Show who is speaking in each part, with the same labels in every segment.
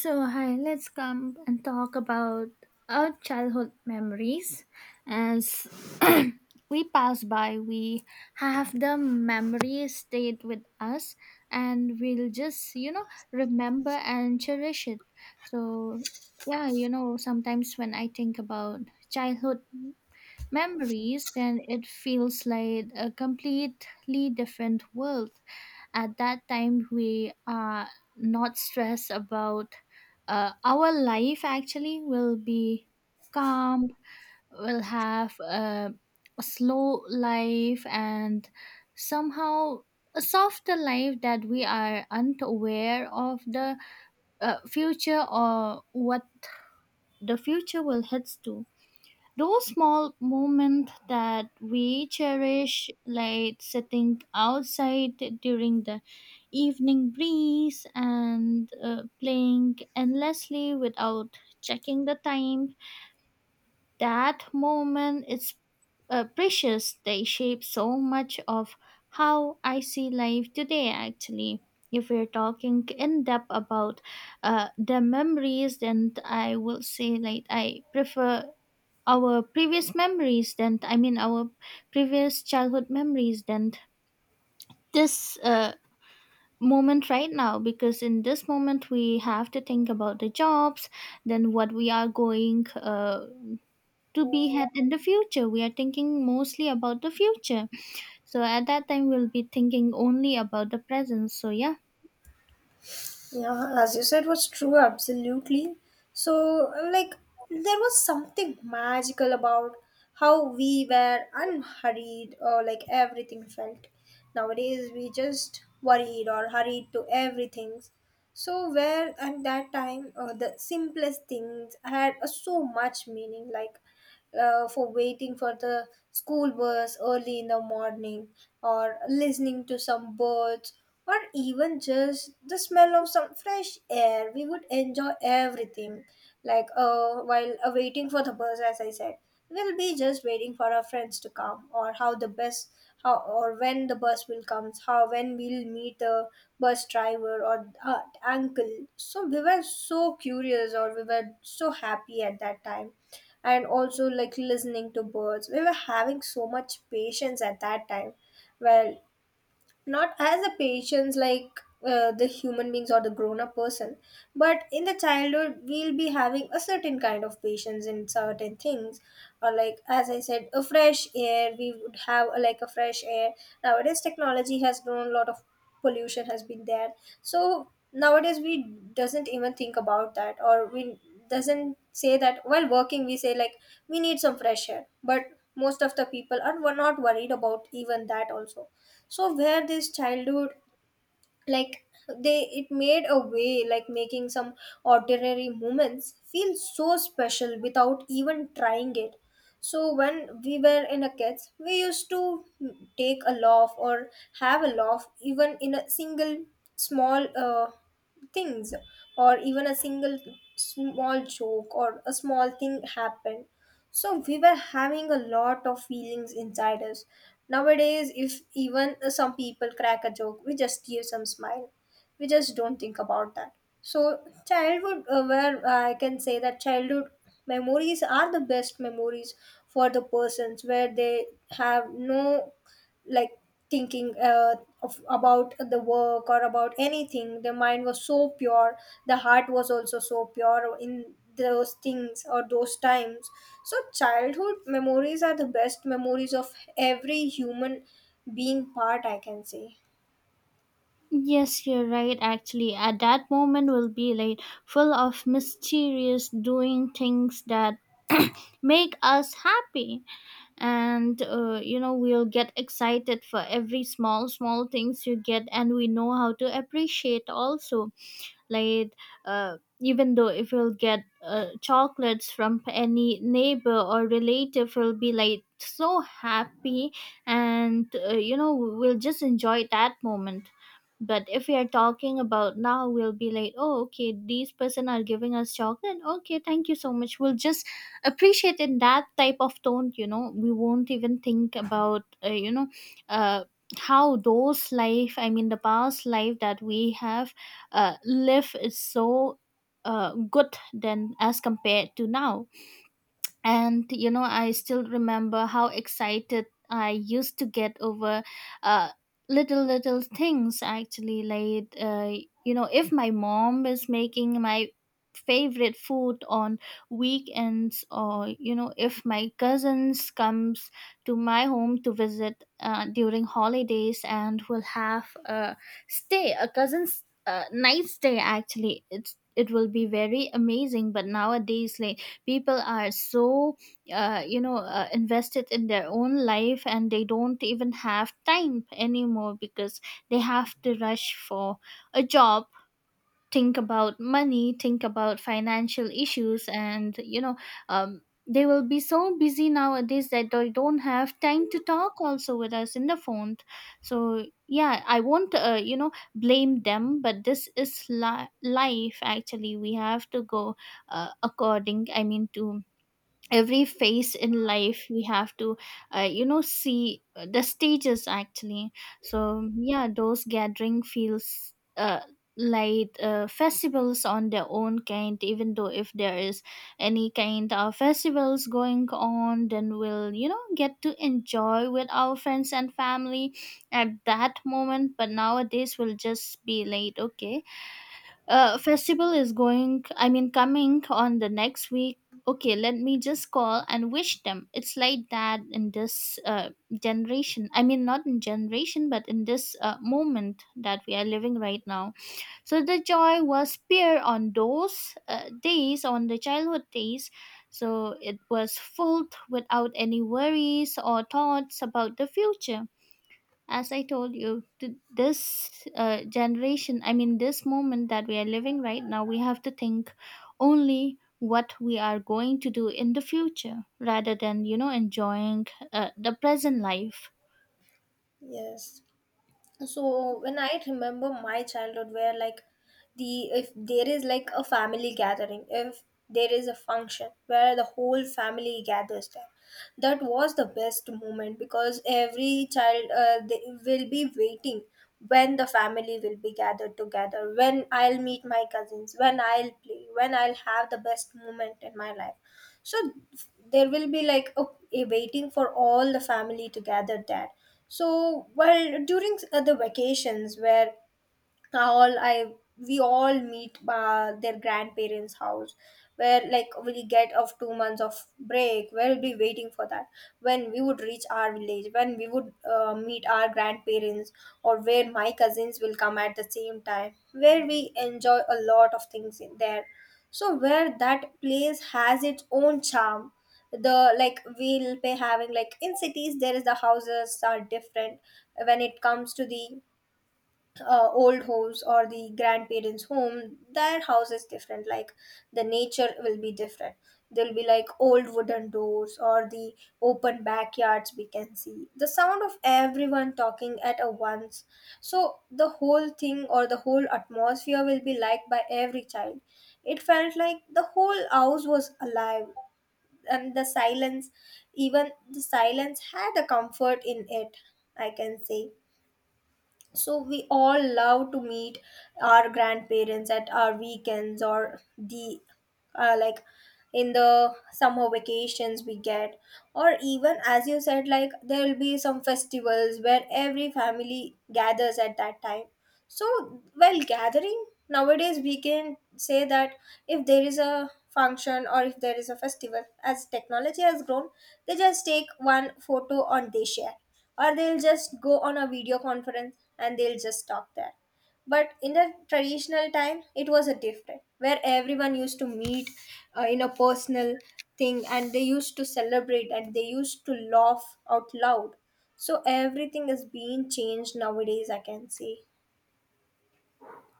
Speaker 1: So, hi, let's come and talk about our childhood memories. As we pass by, we have the memories stayed with us and we'll just, remember and cherish it. So, yeah, sometimes when I think about childhood memories, then it feels like a completely different world. At that time, we are not stressed about our life, actually, will be calm, will have a slow life, and somehow a softer life that we are unaware of the future or what the future will head to. Those small moments that we cherish, like sitting outside during the evening breeze and playing endlessly without checking the time, that moment is precious. They shape so much of how I see life today, actually. If we're talking in depth about the memories, then I will say like I prefer our previous memories then I mean our previous childhood memories then this moment right now, because in this moment we have to think about the jobs, then what we are going to be had in the future. We are thinking mostly about the future. So at that time we'll be thinking only about the present. So yeah,
Speaker 2: Yeah, as you said, was true, absolutely. So, like, there was something magical about how we were unhurried, or like everything felt. Nowadays, we just worried or hurried to everything. So, where at that time the simplest things had so much meaning, like for waiting for the school bus early in the morning, or listening to some birds, or even just the smell of some fresh air, we would enjoy everything. Like while waiting for the bus, as I said, we'll be just waiting for our friends to come, or how the bus how or when the bus will comes how when we'll meet the bus driver or uncle. So we were so curious, or we were so happy at that time. And also, like listening to birds, we were having so much patience at that time. Well, not as a patients, like the human beings or the grown up person, but in the childhood we'll be having a certain kind of patience in certain things, or like as I said, a fresh air, we would have like a fresh air. Nowadays technology has grown, a lot of pollution has been there. So nowadays we doesn't even think about that, or we doesn't say that while working. We say like we need some fresh air, but most of the people are were not worried about even that also. So where this childhood, like, they it made a way like making some ordinary moments feel so special without even trying it. So when we were in a kids, we used to take a laugh, or have a laugh even in a single small things, or even a single small joke or a small thing happened. So we were having a lot of feelings inside us. Nowadays, if even some people crack a joke, we just give some smile. We just don't think about that. So childhood, where I can say that childhood memories are the best memories for the persons where they have no, like, thinking of, about the work or about anything. The mind was so pure, the heart was also so pure in those things or those times. So childhood memories are the best memories of every human being part, I can say.
Speaker 1: yes, you're right, actually. At that moment will be like full of mysterious doing things that make us happy. And you know, we'll get excited for every small small things you get, and we know how to appreciate also, like even though if you'll get chocolates from any neighbor or relative, we will be like so happy. And you know, we'll just enjoy that moment. But if we are talking about now, we'll be like, oh, okay, these person are giving us chocolate, okay, thank you so much, we'll just appreciate in that type of tone. You know, we won't even think about you know, uh, how those life, I mean the past life that we have, life is so good than as compared to now. And you know, I still remember how excited I used to get over uh, little little things, actually, like you know, if my mom is making my favorite food on weekends, or you know, if my cousins comes to my home to visit during holidays, and will have a stay, a cousin's night stay actually. It will be very amazing. But nowadays, like, people are so you know, invested in their own life and they don't even have time anymore, because they have to rush for a job, think about money, think about financial issues. And you know, um, they will be so busy nowadays that they don't have time to talk also with us in the phone. So yeah, I won't you know, blame them, but this is life, actually. We have to go according, I mean to every phase in life. We have to you know, see the stages, actually. So yeah, those gathering feels like festivals on their own kind. Even though if there is any kind of festivals going on, then we'll, you know, get to enjoy with our friends and family at that moment. But nowadays we'll just be late, okay, festival is going, I mean coming on the next week, okay, let me just call and wish them. It's like that in this generation, I mean not in generation, but in this moment that we are living right now. So the joy was pure on those days, on the childhood days. So it was filled without any worries or thoughts about the future. As I told you, this generation, I mean this moment that we are living right now, we have to think only what we are going to do in the future, rather than, you know, enjoying the present life.
Speaker 2: Yes. So when I remember my childhood, where, like, the if there is like a family gathering, if there is a function where the whole family gathers there, that was the best moment. Because every child, they will be waiting when the family will be gathered together, when I'll meet my cousins, when I'll play, when I'll have the best moment in my life. So there will be like a waiting for all the family to gather there. So while during the vacations, where all I we all meet their grandparents house, where like we get of 2 months of break, we'll be waiting for that. When we would reach our village, when we would meet our grandparents, or where my cousins will come at the same time, where we enjoy a lot of things in there. So where that place has its own charm. The, like, we'll be having like in cities there is the houses are different. When it comes to the old homes or the grandparents home, their house is different. Like the nature will be different. There'll be like old wooden doors or the open backyards. We can see the sound of everyone talking at a once. So the whole thing or the whole atmosphere will be liked by every child. It felt like the whole house was alive. And the silence, even the silence had a comfort in it, I can say. So we all love to meet our grandparents at our weekends, or the like in the summer vacations we get. Or even as you said, like there will be some festivals where every family gathers at that time. So, while gathering, nowadays we can say that if there is a function or if there is a festival, as technology has grown, they just take one photo and they share, or they'll just go on a video conference and they'll just talk there. But in the traditional time, it was a different where everyone used to meet in a personal thing, and they used to celebrate and they used to laugh out loud. So everything is being changed nowadays, I can say.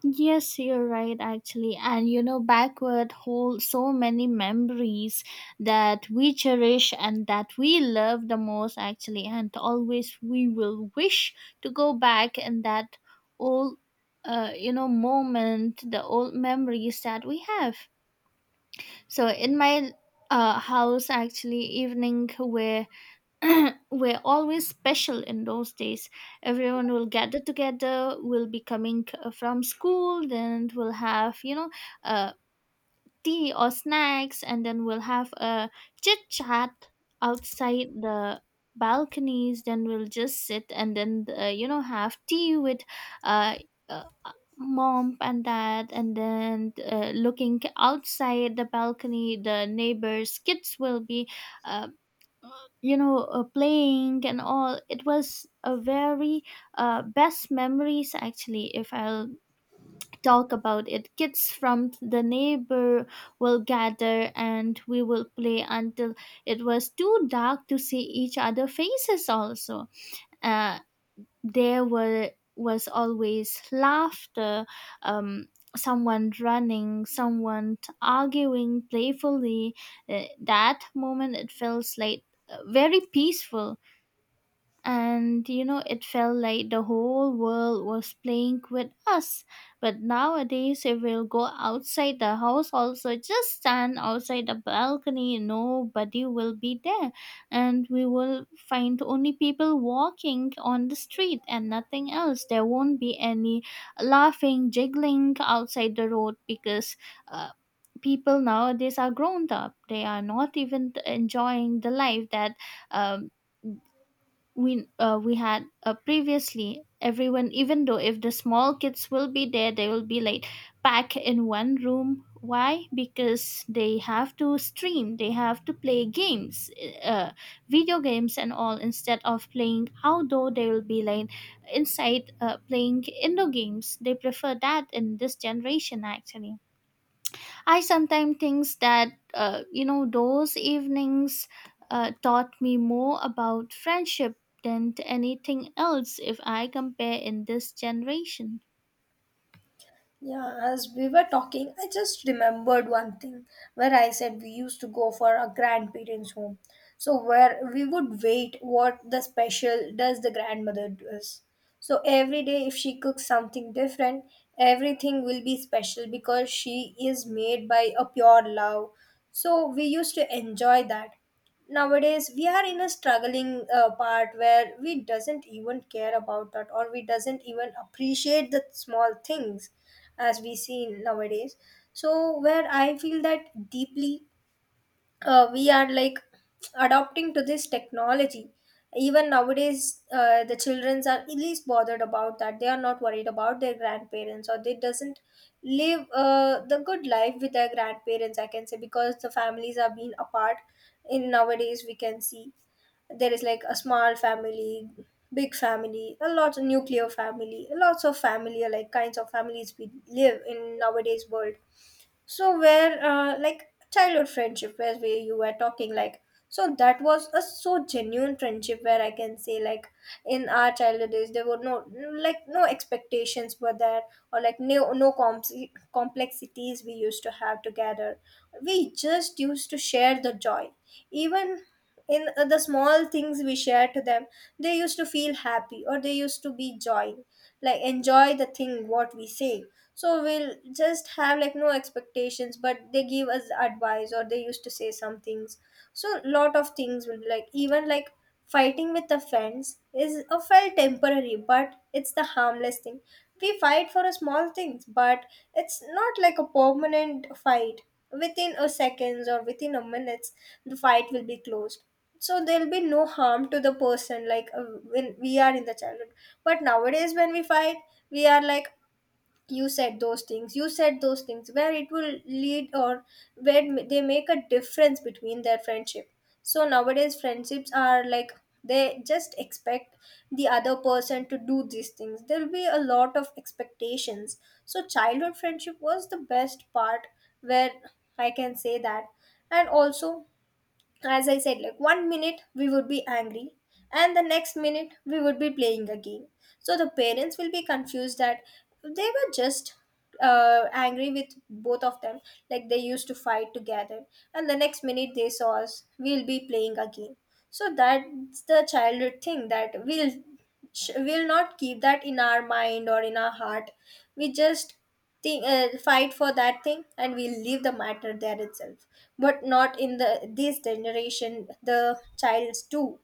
Speaker 1: Yes, you're right, actually. And you know, backward hold so many memories that we cherish and that we love the most, actually. And always we will wish to go back in that old, you know, moment, the old memories that we have. So in my house, actually, evening where were always special in those days. Everyone will gather together, will be coming from school, then we'll have, you know, uh, tea or snacks, and then we'll have a chit chat outside the balconies. Then we'll just sit and then, you know, have tea with. Uh, uh, mom and dad, and then looking outside the balcony, the neighbors kids will be uh, you know, playing and all. It was a very best memories, actually, if I'll talk about it. Kids from the neighbor will gather and we will play until it was too dark to see each other faces also. Uh, there were was always laughter, um, someone running, someone arguing playfully. That moment it feels like very peaceful, and you know, it felt like the whole world was playing with us. But nowadays if we'll go outside the house also, just stand outside the balcony, nobody will be there, and we will find only people walking on the street and nothing else. There won't be any laughing, jiggling outside the road, because uh, people nowadays are grown up, they are not even enjoying the life that um, we had previously. Everyone, even though if the small kids will be there, they will be like packed in one room. Why? Because they have to stream, they have to play games, uh, video games and all, instead of playing outdoor. They will be like inside playing indoor games, they prefer that in this generation, actually. I sometimes think that, you know, those evenings taught me more about friendship than anything else, if I compare in this generation.
Speaker 2: Yeah, as we were talking, I just remembered one thing where I said we used to go for our grandparents' home. So where we would wait what the special does the grandmother does. So every day if she cooks something different, everything will be special because she is made by a pure love. So we used to enjoy that. Nowadays we are in a struggling part where we doesn't even care about that, or we doesn't even appreciate the small things as we see nowadays. So where I feel that deeply, we are like adopting to this technology. Even nowadays the childrens are at least bothered about that. They are not worried about their grandparents, or they doesn't live the good life with their grandparents, I can say, because the families are being apart in nowadays, we can see. There is like a small family, big family, a lot of nuclear family, lots of family, like kinds of families we live in nowadays world. So where like childhood friendship, where we you were talking like, so that was a so genuine friendship, where I can say like in our childhood days there were no, like, no expectations were there. Or like no comps complexities we used to have together. We just used to share the joy. Even in the small things we share to them, they used to feel happy, or they used to be joy, like enjoy the thing what we say. So we'll just have like no expectations, but they give us advice or they used to say some things. So lot of things will be like, even like fighting with the friends is a felt temporary, but it's the harmless thing. We fight for a small things, but it's not like a permanent fight. Within a seconds or within a minutes, the fight will be closed. So there'll be no harm to the person, like when we are in the childhood. But nowadays when we fight, we are like, you said those things, you said those things, where it will lead, or where they make a difference between their friendship. So nowadays friendships are like, they just expect the other person to do these things. There will be a lot of expectations. So childhood friendship was the best part, where I can say that. And also, as I said, like 1 minute we would be angry, and the next minute we would be playing a game. So the parents will be confused that they were just angry with both of them, like they used to fight together, and the next minute they saw us, we'll be playing a game. So that's the childhood thing that we'll we'll not keep that in our mind or in our heart. We just thing, fight for that thing, and we'll leave the matter there itself. But not in the this generation, the childs too,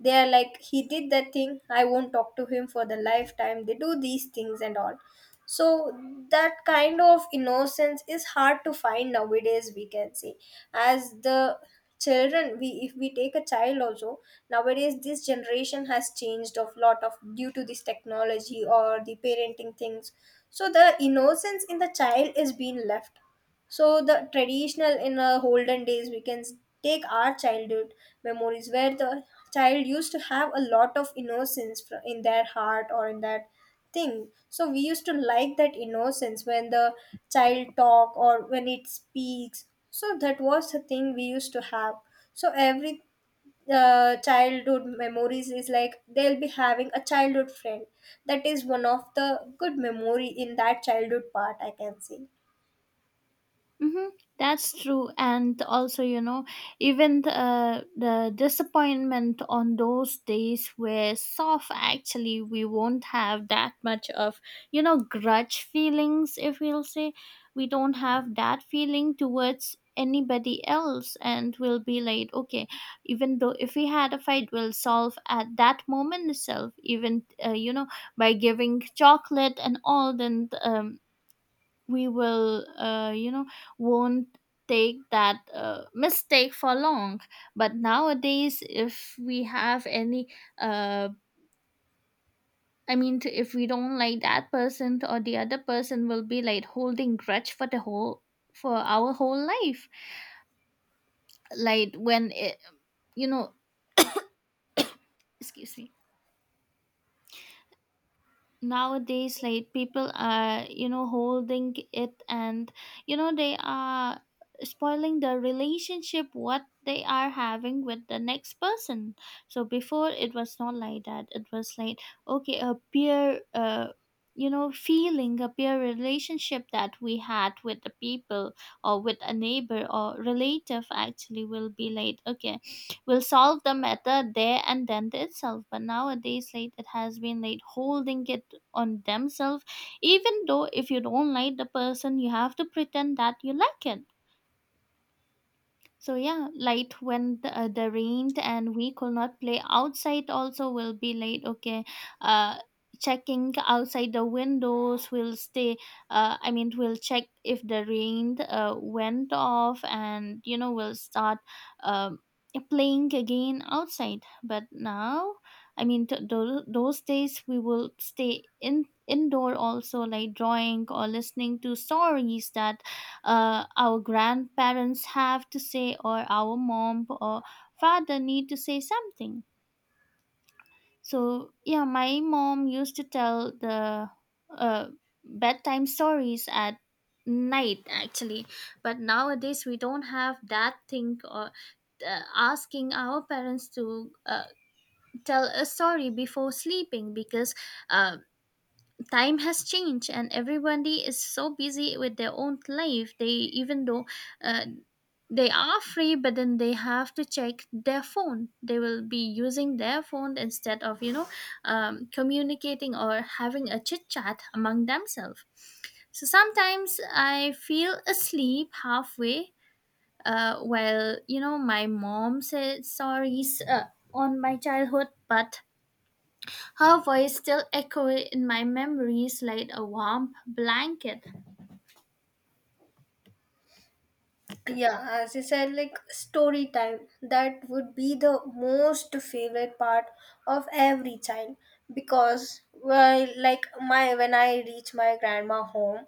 Speaker 2: they are like, he did that thing, I won't talk to him for the lifetime, they do these things and all. So that kind of innocence is hard to find nowadays, we can say. As the children, we if we take a child also nowadays, this generation has changed of lot of due to this technology or the parenting things. So the innocence in the child is being left. So the traditional in olden days, we can take our childhood memories, where the child used to have a lot of innocence in their heart or in that thing. So we used to like that innocence when the child talk or when it speaks. So that was the thing we used to have. So every childhood memories is like they'll be having a childhood friend. That is one of the good memory in that childhood part, I can say.
Speaker 1: Mm-hmm. That's true. And also, you know, even the, the disappointment on those days were soft. Actually, we won't have that much of, you know, grudge feelings. If we'll say, we don't have that feeling towards anybody else, and we'll be like, okay, even though if we had a fight, we'll solve at that moment itself. Even you know, by giving chocolate and all, then we will, you know, won't take that mistake for long. But nowadays if we have any uh, I mean if we don't like that person, or the other person will be like holding grudge for the whole, for our whole life. Like when it, you know, excuse me, nowadays, like, people are, you know, holding it, and you know, they are spoiling the relationship what they are having with the next person. So before it was not like that. It was like, okay, a peer you know, feeling, a peer relationship that we had with the people, or with a neighbor or relative, actually, will be like, okay, will solve the matter there and then itself. But nowadays, like, it has been like holding it on themselves. Even though if you don't like the person, you have to pretend that you like it. So yeah, light when the, the rained and we could not play outside. Also will be late. Okay, uh, checking outside the windows, we'll stay. I mean, we'll check if the rain went off, and you know, we'll start um, playing again outside. But now, I mean, those days we will stay in indoor also, like drawing or listening to stories that our grandparents have to say, or our mom or father need to say something. So yeah, my mom used to tell the uh, bedtime stories at night, actually. But nowadays we don't have that thing, or asking our parents to tell a story before sleeping, because uh, time has changed and everybody is so busy with their own life. They, even though uh, they are free, but then they have to check their phone. They will be using their phone instead of, you know, communicating or having a chit chat among themselves. So sometimes I feel asleep halfway while, you know, my mom said stories on my childhood, but her voice still echoed in my memories like a warm blanket.
Speaker 2: Yeah, as you said, like story time, that would be the most favorite part of every child. Because, well, like my when I reach my grandma home,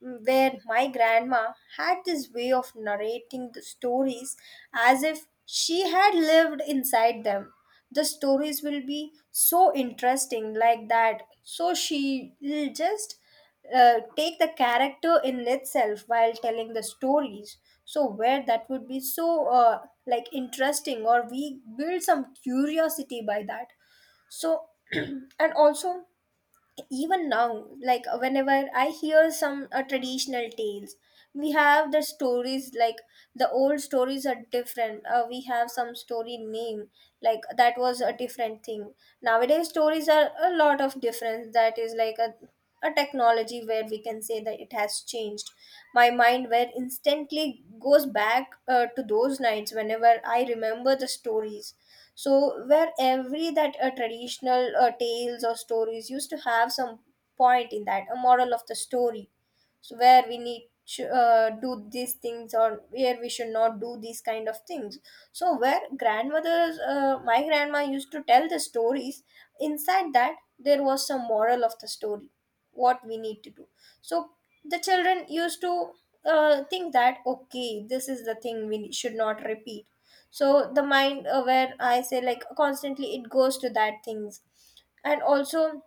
Speaker 2: where my grandma had this way of narrating the stories as if she had lived inside them. The stories will be so interesting, like that. So she will just take the character in itself while telling the stories. So, where that would be so like interesting, or we build some curiosity by that. So, and also even now, like, whenever I hear some traditional tales, we have the stories like the old stories are different. We have some story name like that was a different thing. Nowadays stories are a lot of difference. That is like a technology where we can say that it has changed my mind, where instantly goes back to those nights whenever I remember the stories. So where every that traditional tales or stories used to have some point in that, a moral of the story. So where we need to do these things or where we should not do these kind of things. So where grandmothers, my grandma used to tell the stories, inside that there was some moral of the story, what we need to do. So the children used to think that, okay, this is the thing we should not repeat. So the mind, where I say like constantly it goes to that things. And also,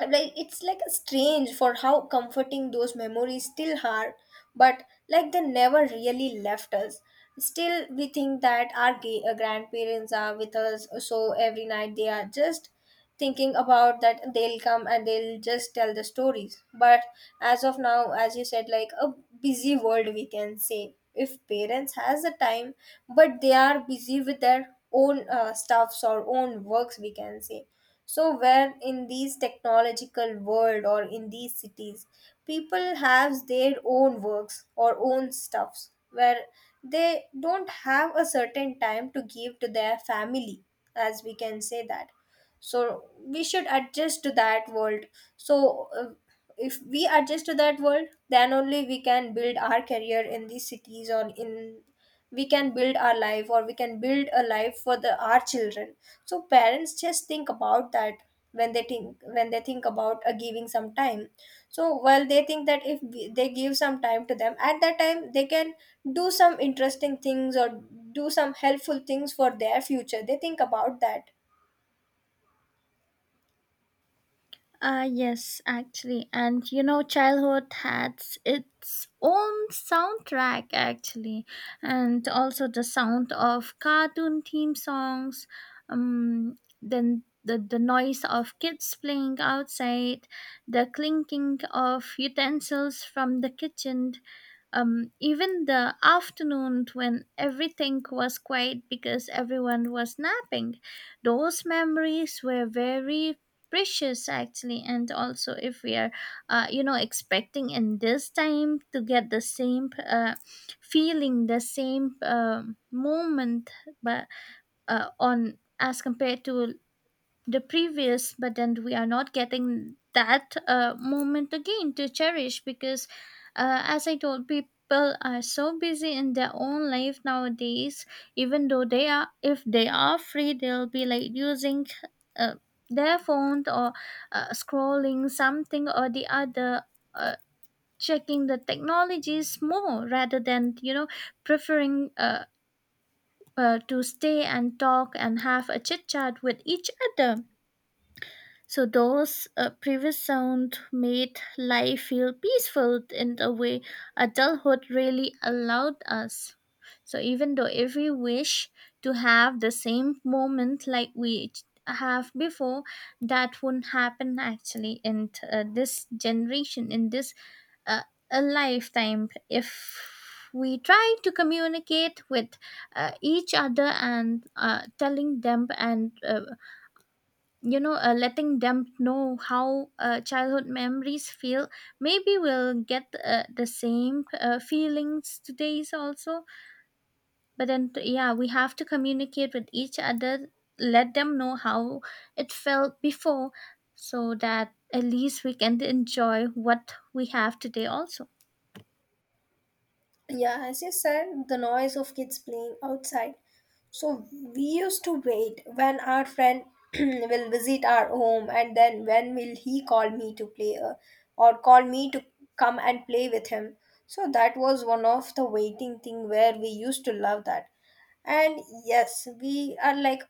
Speaker 2: like, it's like a strange for how comforting those memories still are. But like they never really left us. Still we think that our grandparents are with us, so every night they are just thinking about that they'll come and they'll just tell the stories. But as of now, as you said, like a busy world, we can say, if parents has the time, but they are busy with their own stuffs or own works, we can say. So where in these technological world or in these cities, people have their own works or own stuffs where they don't have a certain time to give to their family, as we can say that. So we should adjust to that world. So if we adjust to that world, then only we can build our career in these cities, or in we can build our life, or we can build a life for the our children. So parents just think about that. When they think, when they think about giving some time. So while they think that if they give some time to them, at that time they can do some interesting things or do some helpful things for their future, they think about that.
Speaker 1: Ah, yes, actually. And you know, childhood had its own soundtrack, actually, and also the sound of cartoon theme songs, then the noise of kids playing outside, the clinking of utensils from the kitchen, even the afternoon when everything was quiet because everyone was napping, those memories were very precious, actually. And also, if we are, expecting in this time to get the same feeling, the same moment, but on as compared to the previous, but then we are not getting that moment again to cherish because as I told, people are so busy in their own life nowadays. Even though they are, if they are free, they'll be like using uh, their phone or scrolling something or the other, uh, checking the technologies more rather than, you know, preferring to stay and talk and have a chit chat with each other. So those previous sound made life feel peaceful in a way adulthood really allowed us. So even though if we wish to have the same moment like we have before, that wouldn't happen actually in this generation, in this uh, a lifetime. If we try to communicate with each other and telling them and letting them know how childhood memories feel, maybe we'll get the same feelings today's also. But then, yeah, we have to communicate with each other, let them know how it felt before, so that at least we can enjoy what we have today also.
Speaker 2: Yeah, as you said, the noise of kids playing outside. So we used to wait when our friend will visit our home, and then when will he call me to play, or call me to come and play with him. So that was one of the waiting thing where we used to love that. And yes, we are like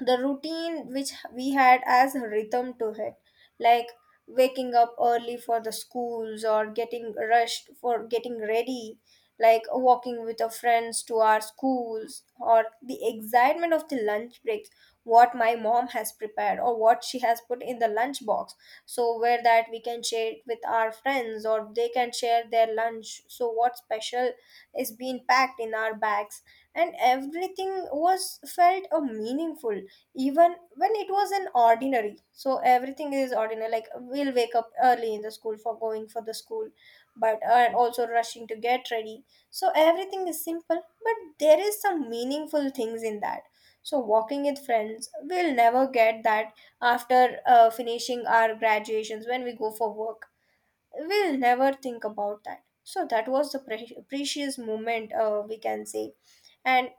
Speaker 2: the routine which we had as a rhythm to it, like waking up early for the schools, or getting rushed for getting ready, like walking with our friends to our schools, or the excitement of the lunch breaks, what my mom has prepared or what she has put in the lunch box. So where that we can share it with our friends, or they can share their lunch, so what special is being packed in our bags. And everything was felt meaningful, even when it was an ordinary. So everything is ordinary, like we'll wake up early in the school for going for the school, but and also rushing to get ready. So everything is simple, but there is some meaningful things in that. So walking with friends, we'll never get that after finishing our graduations, when we go for work we'll never think about that. So that was the precious moment, we can say. And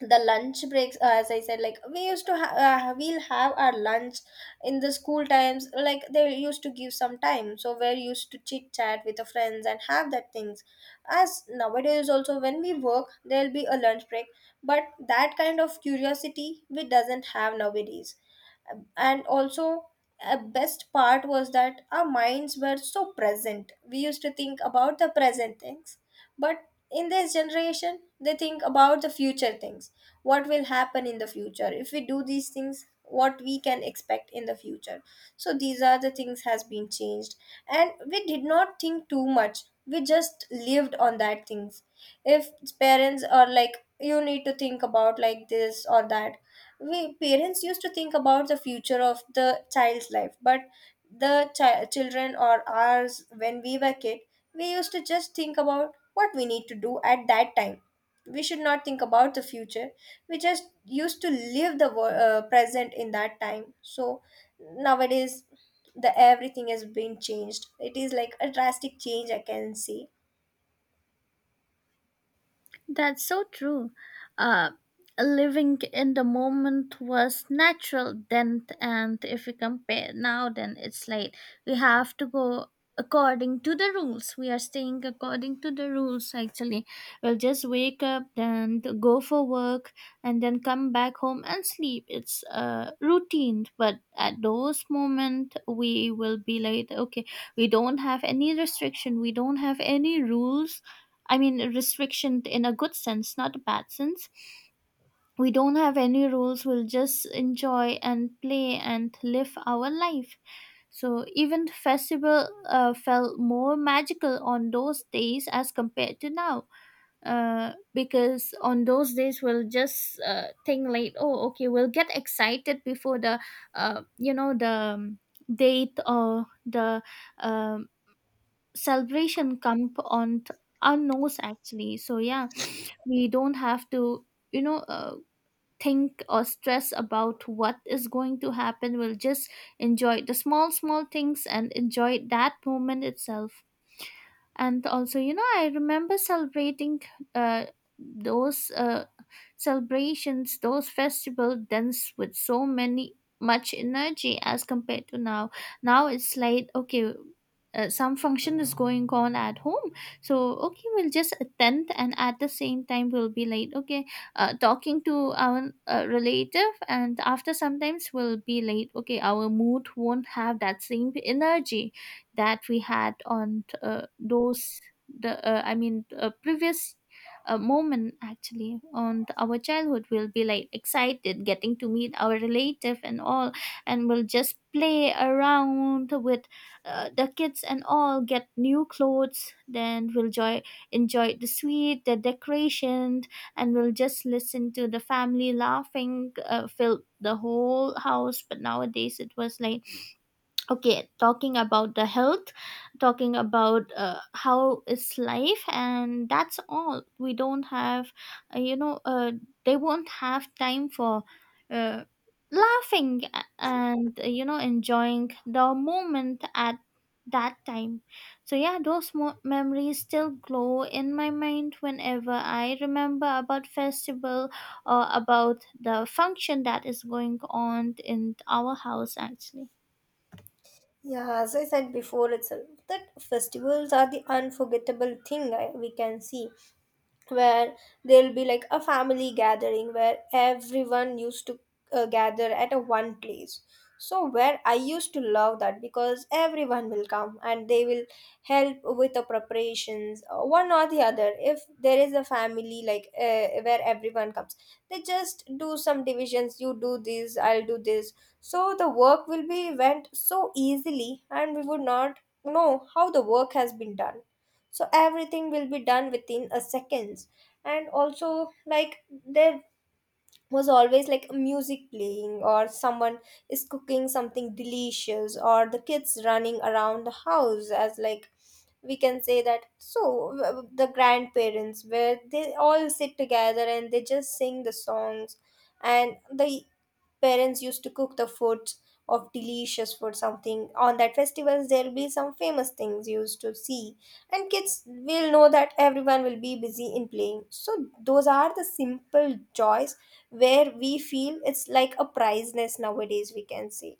Speaker 2: the lunch breaks, as I said, like we used to we'll have our lunch in the school times, like they used to give some time, so we're used to chit chat with the friends and have that things. As nowadays also when we work, there'll be a lunch break, but that kind of curiosity we doesn't have nowadays. And also, a best part was that our minds were so present. We used to think about the present things. But in this generation they think about the future things, what will happen in the future if we do these things, what we can expect in the future. So these are the things has been changed. And we did not think too much, we just lived on that things. If parents are like you need to think about like this or that, we parents used to think about the future of the child's life. But the children, or ours, when we were kid, we used to just think about what we need to do at that time. We should not think about the future. We just used to live the present in that time. So nowadays the everything has been changed. It is like a drastic change, I can see.
Speaker 1: That's so true. Uh, Living in the moment was natural then, and if we compare now, then it's like we have to go according to the rules. We are staying according to the rules, actually. We'll just wake up, then go for work, and then come back home and sleep. It's routine, but at those moment, we will be like, okay, we don't have any restriction, we don't have any rules. I mean, restriction in a good sense, not a bad sense. We don't have any rules, we'll just enjoy and play and live our life. So, even festival felt more magical on those days as compared to now. Because on those days we'll just think like, oh, okay, we'll get excited before the uh, you know the um, date or the um, celebration come our nose, actually. So yeah, we don't have to, you know uh, think or stress about what is going to happen, we'll just enjoy the small small things and enjoy that moment itself. And also, you know, I remember celebrating uh, those celebrations, those festival dance with so many much energy as compared to now. Now it's like, okay, some function is going on at home, so okay, we'll just attend, and at the same time we'll be like, okay, talking to our relative, and after sometimes we'll be late, okay, our mood won't have that same energy that we had on those the I mean previous moment. Actually on our childhood, we'll be like excited getting to meet our relative and all, and we'll just play around with the kids and all, get new clothes, then we'll enjoy the sweet, the decoration, and we'll just listen to the family laughing filled the whole house. But nowadays it was like, okay, talking about the health, talking about how is life, and that's all. We don't have, uh, you know uh, they won't have time for uh, laughing and enjoying the moment at that time. So yeah, those memories still glow in my mind whenever I remember about festival or about the function that is going on in our house actually.
Speaker 2: Yeah, as I said before itself, that festivals are the unforgettable thing I, we can see. Where there'll be like a family gathering where everyone used to gather at a one place. So where I used to love that because everyone will come and they will help with the preparations, one or the other. If there is a family like, where everyone comes, they just do some divisions, you do this, I'll do this. So the work will be went so easily and we would not know how the work has been done. So everything will be done within a seconds. And also, like, there was always like music playing, or someone is cooking something delicious, or the kids running around the house, as like we can say that. So the grandparents, where they all sit together and they just sing the songs, and the parents used to cook the foods of delicious food. Something on that festivals, there'll be some famous things used to see. And kids will know that everyone will be busy in playing. So those are the simple joys where we feel it's like a priceless, nowadays we can say.